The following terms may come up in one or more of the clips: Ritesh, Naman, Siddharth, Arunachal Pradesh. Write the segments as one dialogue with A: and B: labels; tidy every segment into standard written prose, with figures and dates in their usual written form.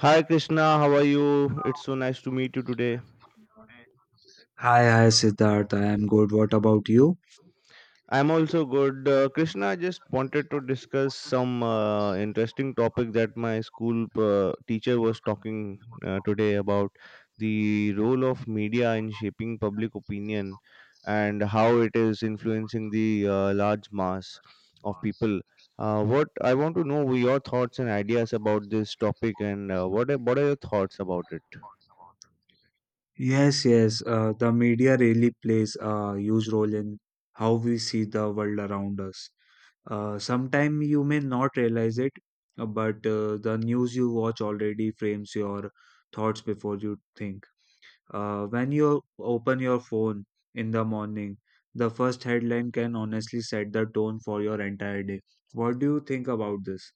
A: Hi Krishna, how are you? It's so nice to meet you today.
B: Hi, hi, Siddharth. I am good. What about you?
A: I'm also good. Krishna, I just wanted to discuss some interesting topic that my school teacher was talking today about the role of media in shaping public opinion and how it is influencing the large mass of people. What I want to know were your thoughts and ideas about this topic, and what are your thoughts about it?
B: Yes, yes. The media really plays a huge role in how we see the world around us. Sometime you may not realize it, but the news you watch already frames your thoughts before you think. When you open your phone in the morning, the first headline can honestly set the tone for your entire day. What do you think about this?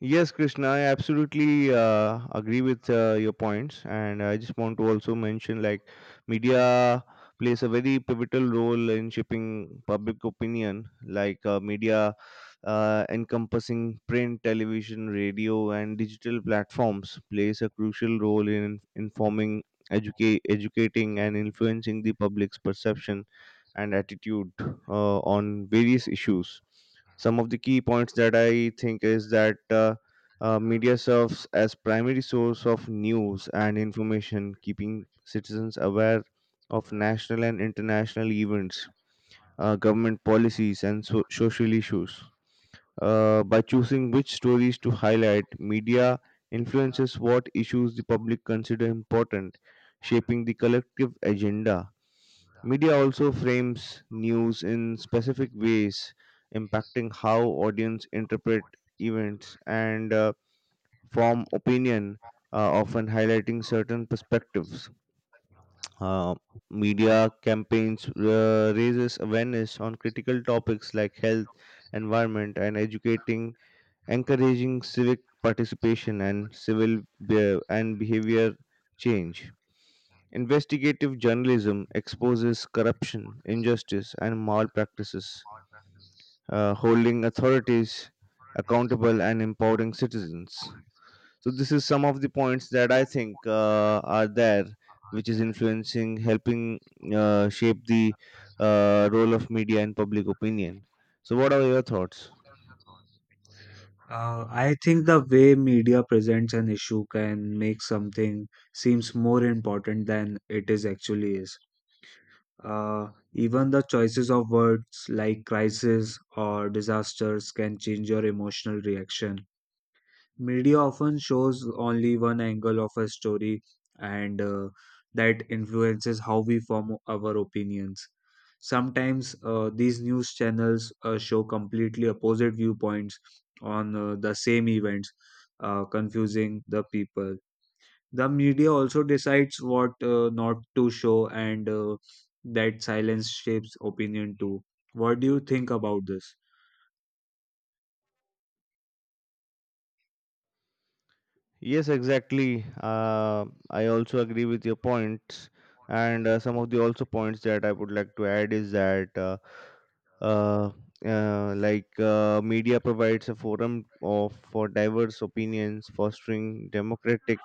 A: Yes, Krishna, I absolutely agree with your points, and I just want to also mention, like, media plays a very pivotal role in shaping public opinion. Like media encompassing print, television, radio, and digital platforms plays a crucial role in informing, educating, and influencing the public's perception and attitude on various issues. Some of the key points that I think is that media serves as primary source of news and information, keeping citizens aware of national and international events, government policies, and social issues. By choosing which stories to highlight, media influences what issues the public consider important, shaping the collective agenda. Media also frames news in specific ways, impacting how audience interpret events and form opinion, often highlighting certain perspectives. Uh, Media campaigns raises awareness on critical topics like health, environment, and educating, encouraging civic participation and behavior change. Investigative journalism exposes corruption, injustice, and malpractices, holding authorities accountable and empowering citizens. So, this is some of the points that I think are there, which is influencing, helping shape the role of media and public opinion. So, what are your thoughts?
B: I think the way media presents an issue can make something seems more important than it is actually is. Even the choices of words like crisis or disasters can change your emotional reaction. Media often shows only one angle of a story, and that influences how we form our opinions. Sometimes these news channels show completely opposite viewpoints on the same events, confusing the people. The media also decides what not to show, and that silence shapes opinion too. What do you think about this?
A: Yes, exactly. I also agree with your points, and some of the also points that I would like to add is that, uh, like media provides a for diverse opinions, fostering democratic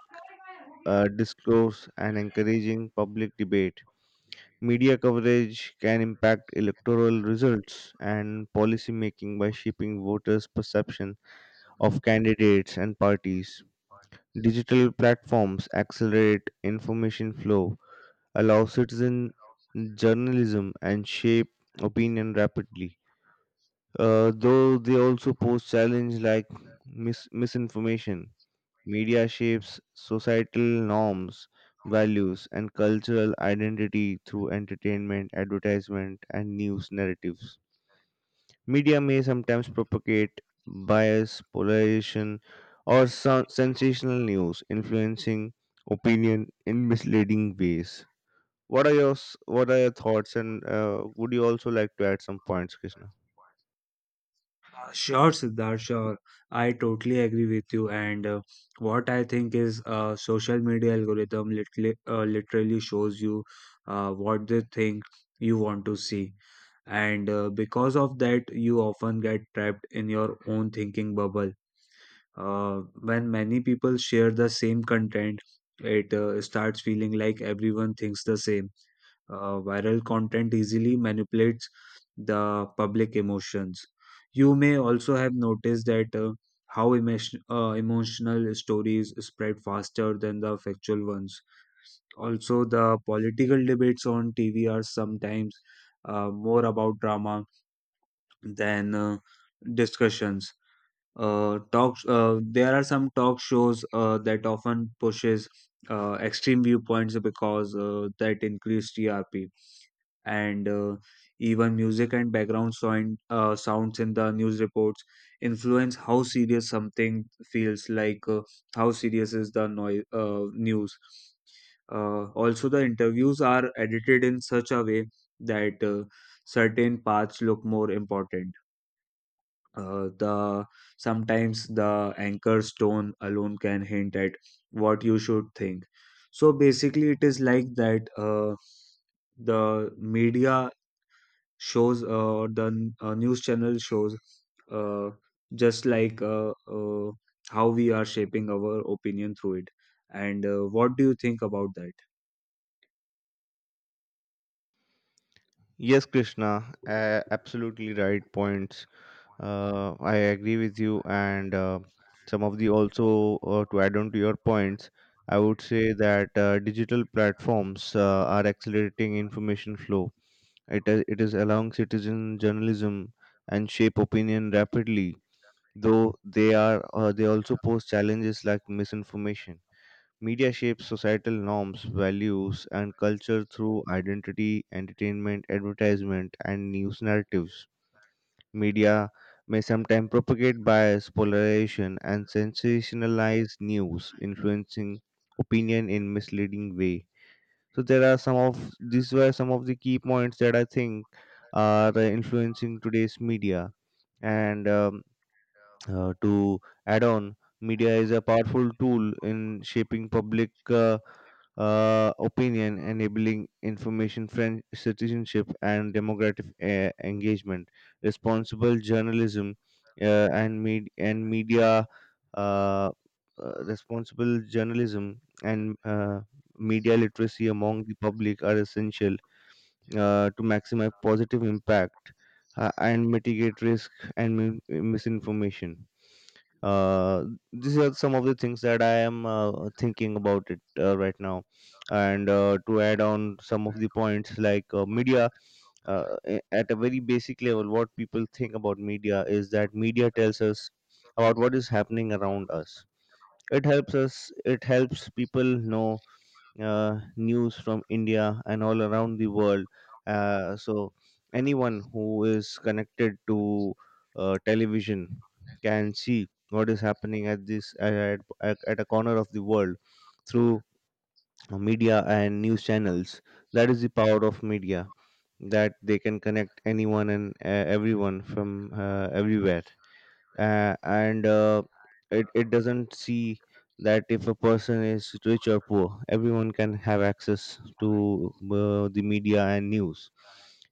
A: discourse and encouraging public debate. Media coverage can impact electoral results and policy making by shaping voters' perception of candidates and parties. Digital platforms accelerate information flow, allow citizen journalism, and shape opinion rapidly. Though they also pose challenges like misinformation. Media shapes societal norms, values, and cultural identity through entertainment, advertisement, and news narratives. Media may sometimes propagate bias, polarization, or sensational news, influencing opinion in misleading ways. What are your thoughts? And would you also like to add some points, Krishna?
B: Sure, Siddharth, sure. I totally agree with you. And what I think is social media algorithm literally, literally shows you what they think you want to see. And because of that, you often get trapped in your own thinking bubble. When many people share the same content, it starts feeling like everyone thinks the same. Viral content easily manipulates the public emotions. You may also have noticed that how emotional stories spread faster than the factual ones. Also, the political debates on TV are sometimes more about drama than discussions, talks. There are some talk shows that often pushes extreme viewpoints because that increase trp, and even music and background sound, sounds in the news reports influence how serious something feels like. How serious is the noise, news. Also, the interviews are edited in such a way that certain parts look more important. Uh, the sometimes the anchor stone alone can hint at what you should think. So basically it is like that, the media shows, or the news channel shows, uh, just like how we are shaping our opinion through it. And what do you think about that?
A: Yes, Krishna, absolutely right points. I agree with you, and some of the also, to add on to your points, I would say that digital platforms are accelerating information flow. It is allowing citizen journalism and shape opinion rapidly, though they also pose challenges like misinformation. Media shapes societal norms, values, and culture through identity, entertainment, advertisement, and news narratives. Media may sometimes propagate bias, polarization, and sensationalize news, influencing opinion in misleading way. So there are some of these were some of the key points that I think are influencing today's media. And to add on, media is a powerful tool in shaping public opinion, enabling information friend citizenship and democratic engagement. Responsible journalism and media uh, responsible journalism and media literacy among the public are essential to maximize positive impact and mitigate risk and misinformation. uh, these are some of the things that I am thinking about it right now. And to add on some of the points, like media, at a very basic level, what people think about media is that media tells us about what is happening around us. It helps us. It helps people know news from India and all around the world. So anyone who is connected to television can see what is happening at this at a corner of the world through media and news channels. That is the power of media that they can connect anyone and everyone from everywhere, and it doesn't see that if a person is rich or poor, everyone can have access to the media and news.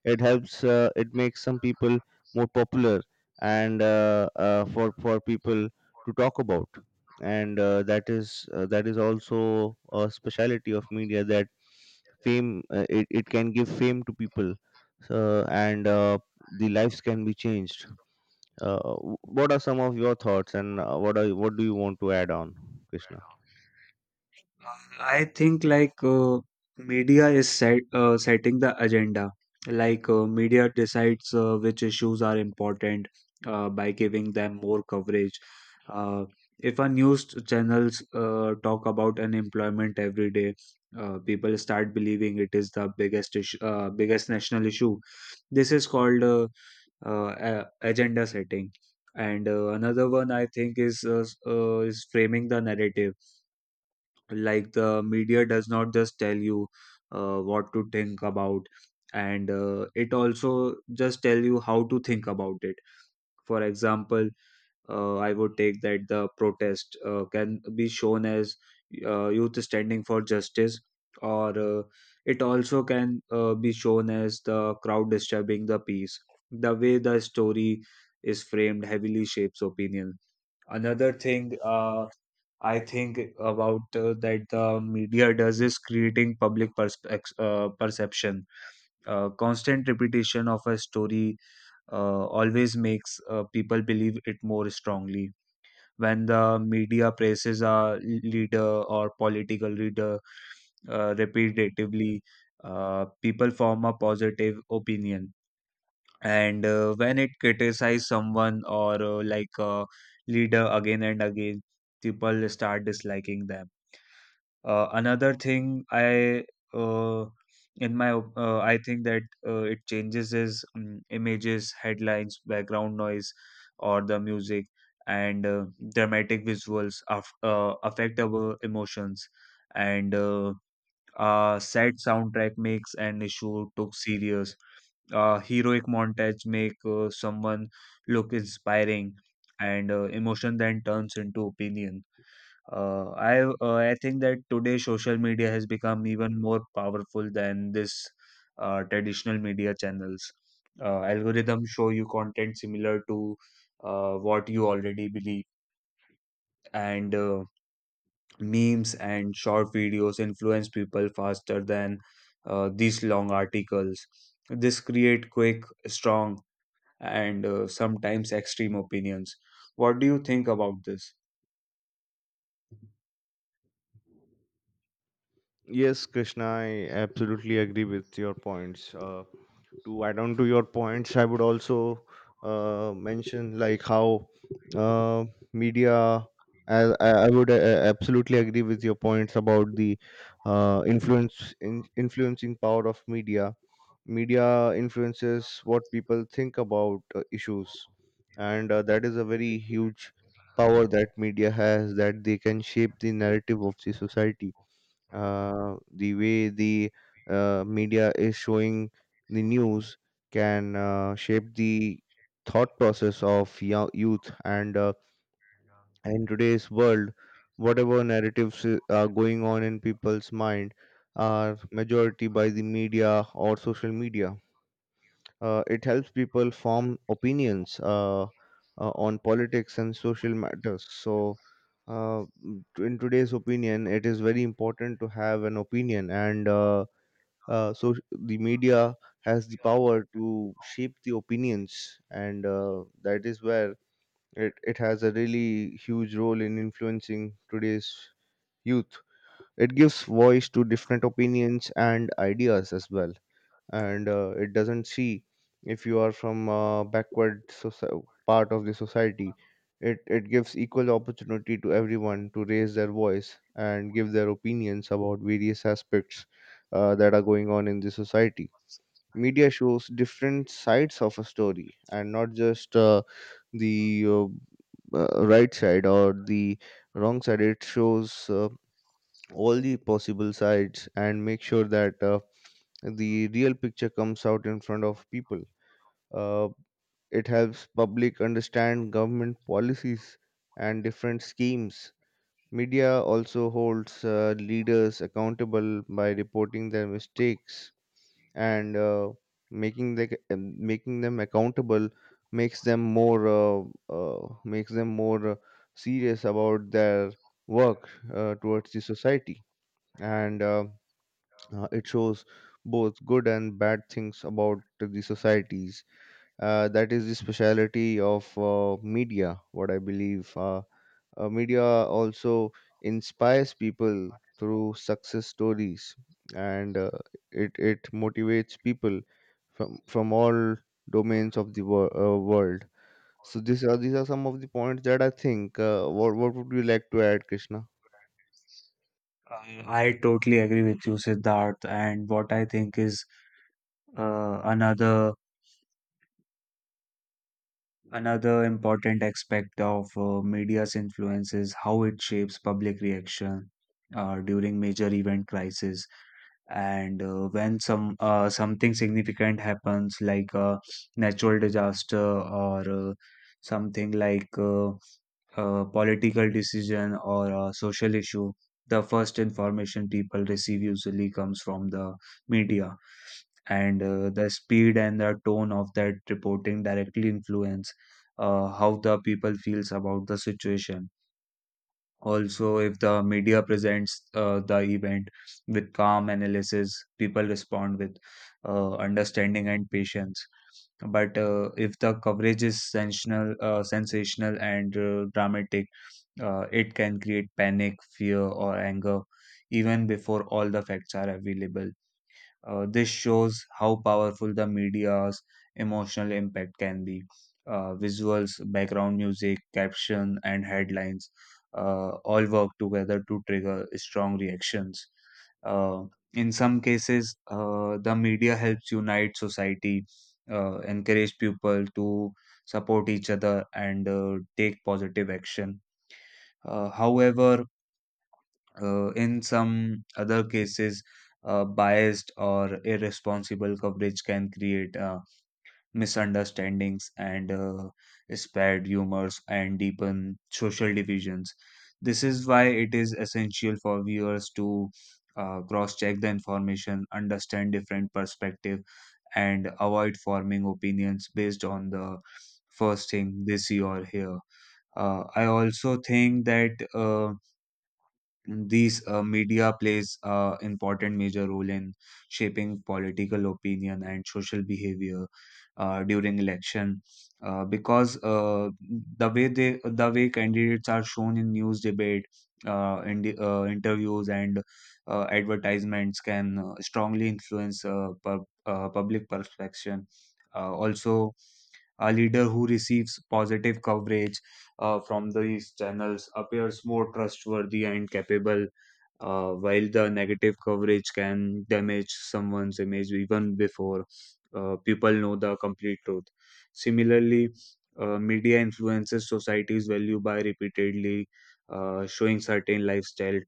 A: It helps, it makes some people more popular, and for people to talk about. And that is also a speciality of media, that fame, it can give fame to people. So, and the lives can be changed. uh, what are some of your thoughts, and what do you want to add on, Krishna?
B: I think like media is setting the agenda. Like media decides which issues are important by giving them more coverage. Uh, if our news channels talk about unemployment every day, people start believing it is the biggest issue, biggest national issue. This is called agenda setting. And another one I think is is framing the narrative. Like the media does not just tell you what to think about, and it also just tell you how to think about it. For example, I would take that the protest can be shown as youth standing for justice, or it also can be shown as the crowd disturbing the peace. The way the story is framed heavily shapes opinion. Another thing, I think about that the media does is creating public perception. Constant repetition of a story always makes people believe it more strongly. When the media praises a leader or political leader repetitively, people form a positive opinion. And when it criticizes someone or like a leader again and again, people start disliking them. Uh, another thing I uh, in my op- I think that it changes is images, headlines, background noise, or the music, and dramatic visuals affect our emotions, and a sad soundtrack makes an issue took serious. Heroic montage make someone look inspiring, and emotion then turns into opinion. I think that today social media has become even more powerful than this traditional media channels. Algorithms show you content similar to what you already believe, and memes and short videos influence people faster than these long articles. This create quick, strong, and sometimes extreme opinions. What do you think about this?
A: Yes, Krishna, I absolutely agree with your points. To add on to your points, I would also mention, like, how uh, media. I would absolutely agree with your points about the influencing power of media. Media influences what people think about issues, and that is a very huge power that media has, that they can shape the narrative of the society. The way the media is showing the news can shape the thought process of youth. And in today's world, whatever narratives are going on in people's mind are majority by the media or social media. It helps people form opinions on politics and social matters. So, in today's opinion, it is very important to have an opinion, and the media has the power to shape the opinions, and that is where it has a really huge role in influencing today's youth. It gives voice to different opinions and ideas as well, and it doesn't see, if you are from a backward part of the society, it gives equal opportunity to everyone to raise their voice and give their opinions about various aspects that are going on in the society. Media shows different sides of a story and not just the right side or the wrong side. It shows all the possible sides and make sure that the real picture comes out in front of people. Uh, it helps public understand government policies and different schemes. Media also holds leaders accountable by reporting their mistakes and making them accountable. Makes them more uh, makes them more uh, serious about their work towards the society. And it shows both good and bad things about the societies. That is the speciality of media, what I believe. Media also inspires people through success stories, and it motivates people from all domains of the world. These are some of the points that I think. What would you like to add, Krishna?
B: I totally agree with you, Siddharth. And what I think is uh, another another important aspect of media's influence is how it shapes public reaction during major event crisis. And when something significant happens, like a natural disaster or something like a political decision or a social issue, the first information people receive usually comes from the media, and the speed and the tone of that reporting directly influence how the people feels about the situation. Also, if the media presents the event with calm analysis, people respond with understanding and patience. But if the coverage is sensational, sensational and dramatic, it can create panic, fear, or anger even before all the facts are available. This shows how powerful the media's emotional impact can be. Visuals, background music, caption, and headlines all work together to trigger strong reactions. Uh, in some cases, the media helps unite society, encourage people to support each other, and take positive action. However, in some other cases biased or irresponsible coverage can create misunderstandings and spread rumors and deepen social divisions. This is why it is essential for viewers to cross check the information, understand different perspective, and avoid forming opinions based on the first thing they see or hear. I also think that these media plays a important major role in shaping political opinion and social behavior during election because the way candidates are shown in news debate, in the, interviews and advertisements can strongly influence public perception. Also, a leader who receives positive coverage from these channels appears more trustworthy and capable, while the negative coverage can damage someone's image even before people know the complete truth. Similarly, media influences society's value by repeatedly showing certain lifestyle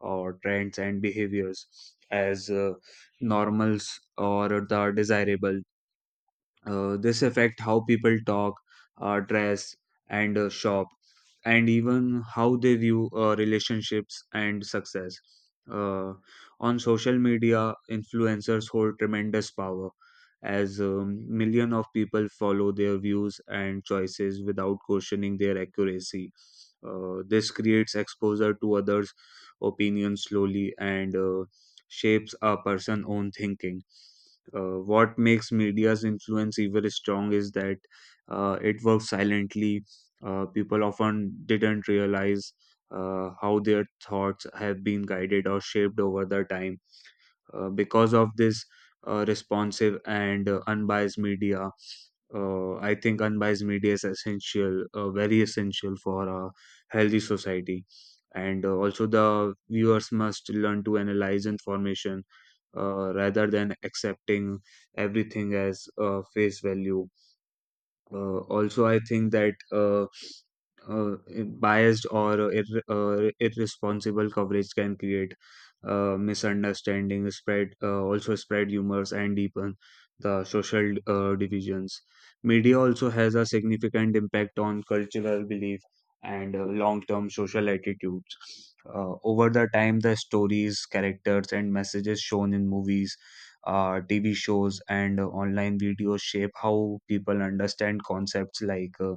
B: or trends and behaviors as normals or the desirable. This affect how people talk, dress, and shop, and even how they view relationships and success. Uh, on social media, influencers hold tremendous power as million of people follow their views and choices without questioning their accuracy. This creates exposure to others' opinions slowly and shapes a person's own thinking. What makes media's influence even strong is that it works silently. People often didn't realize how their thoughts have been guided or shaped over the time. Because of this responsive and unbiased media, I think unbiased media is essential, very essential for a healthy society. And also, the viewers must learn to analyze information rather than accepting everything as face value. Also, I think that uh, biased or irresponsible coverage can create misunderstanding, spread, also spread rumors and deepen the social divisions. Media also has a significant impact on cultural belief and long-term social attitudes. Over the time, the stories, characters, and messages shown in movies, TV shows and online videos shape how people understand concepts like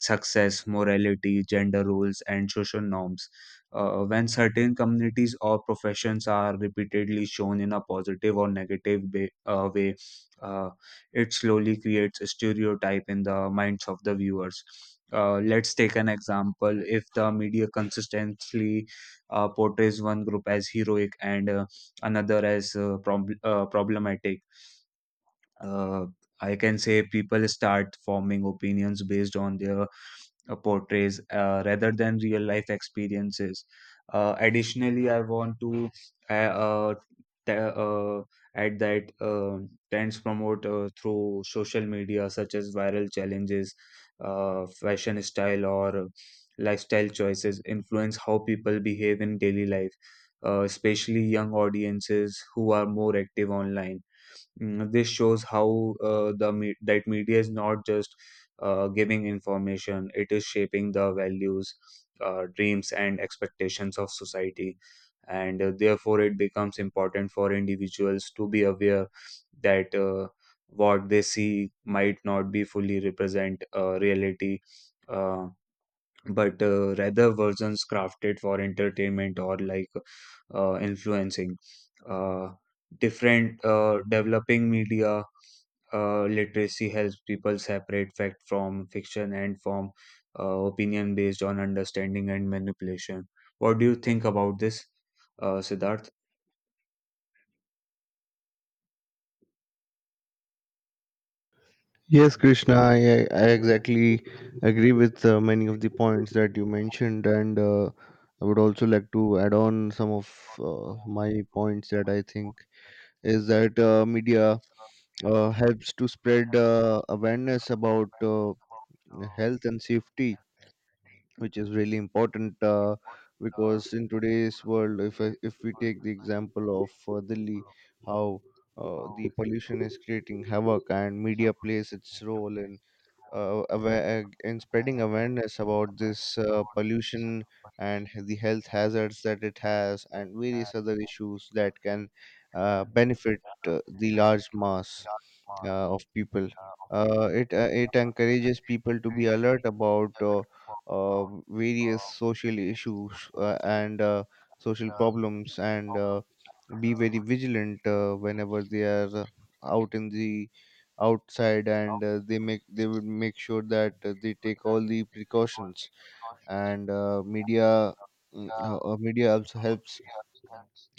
B: success, morality, gender roles, and social norms. When certain communities or professions are repeatedly shown in a positive or negative way, uh, it slowly creates a stereotype in the minds of the viewers. Let's take an example. If the media consistently portrays one group as heroic and another as problematic, uh, I can say people start forming opinions based on their portrays rather than real life experiences. Additionally, I want to uh, uh, t- uh, add that trends promote through social media, such as viral challenges, fashion style, or lifestyle choices, influence how people behave in daily life, especially young audiences who are more active online. Mm, this shows how that media is not just giving information, it is shaping the values, dreams and expectations of society, and therefore it becomes important for individuals to be aware that what they see might not be fully represent reality. Uh, but rather versions crafted for entertainment or like influencing uh, different developing media literacy helps people separate fact from fiction and from opinion based on understanding and manipulation. What do you think about this, siddharth?
A: Yes, Krishna, I exactly agree with many of the points that you mentioned, and I would also like to add on some of my points that I think is that media helps to spread awareness about health and safety, which is really important, because in today's world, if we take the example of Delhi, how the pollution is creating havoc, and media plays its role in aware and spreading awareness about this pollution and the health hazards that it has and various other issues that can benefit the large mass of people. It encourages people to be alert about various social issues and social problems, and be very vigilant whenever they are out in the outside, and they would make sure that they take all the precautions. And media also helps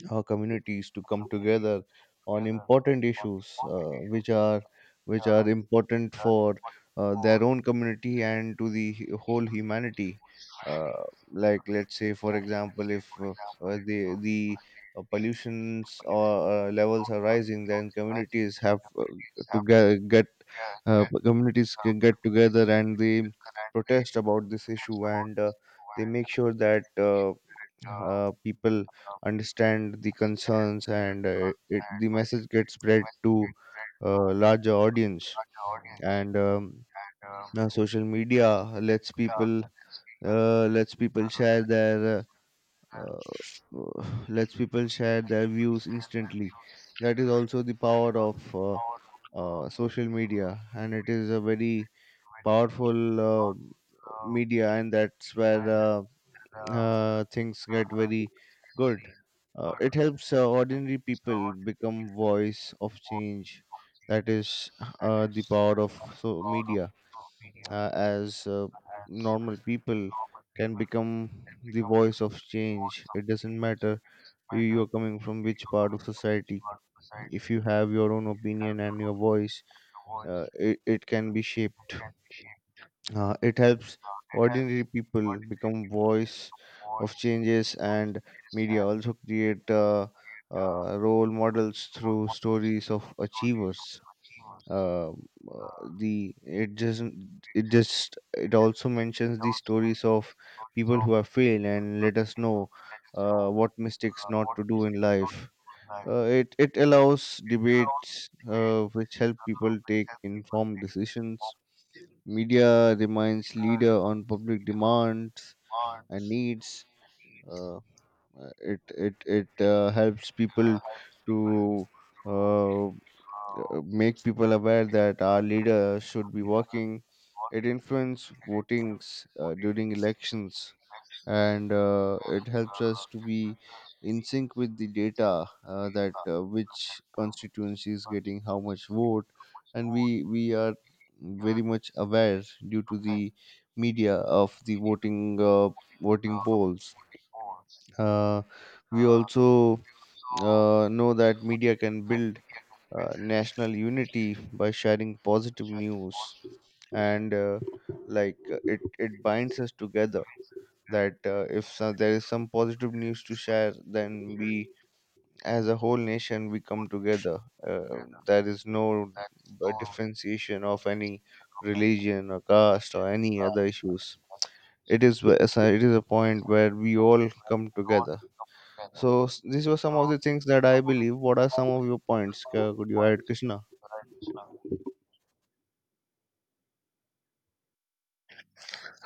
A: our communities to come together on important issues which are important for their own community and to the whole humanity. uh, like, let's say for example, if the the pollutions or levels are rising, then communities have to ge- get communities can get together and they protest about this issue. And they make sure that people understand the concerns, and the message gets spread to larger audience. And now social media lets people, lets people share their lets people share their views instantly. That is also the power of social media, and it is a very powerful media, and that's where things get very good. It helps ordinary people become voice of change. That is the power of media, as normal people can become the voice of change. It doesn't matter you are coming from which part of society. If you have your own opinion and your voice, it can be shaped. It helps ordinary people become voice of changes, and media also create role models through stories of achievers. Um, Uh, the it doesn't it just It also mentions the stories of people who have failed and let us know what mistakes not to do in life. It allows debates which help people take informed decisions. Media reminds leader on public demands and needs. Uh, uh, it it helps people to uh, make people aware that our leaders should be working. It influences votings during elections, and it helps us to be in sync with the data, that which constituency is getting how much vote, and we are very much aware due to the media of the voting polls. Uh, we also know that media can build national unity by sharing positive news, and like, it binds us together, that if there is some positive news to share, then we, as a whole nation, we come together. uh, there is no differentiation of any religion or caste or any other issues. It is a point where we all come together. These were some of the things that I believe. What are some of your points? Could you add, Krishna?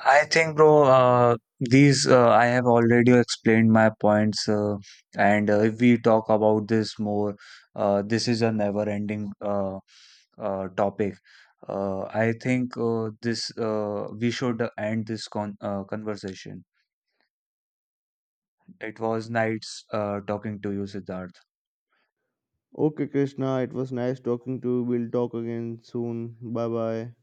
B: I think, bro, these I have already explained my points, and if we talk about this more, this is a never-ending topic. I think this we should end this conversation. It was nice talking to you, Siddharth.
A: Okay, Krishna, it was nice talking to you. We'll talk again soon. Bye bye.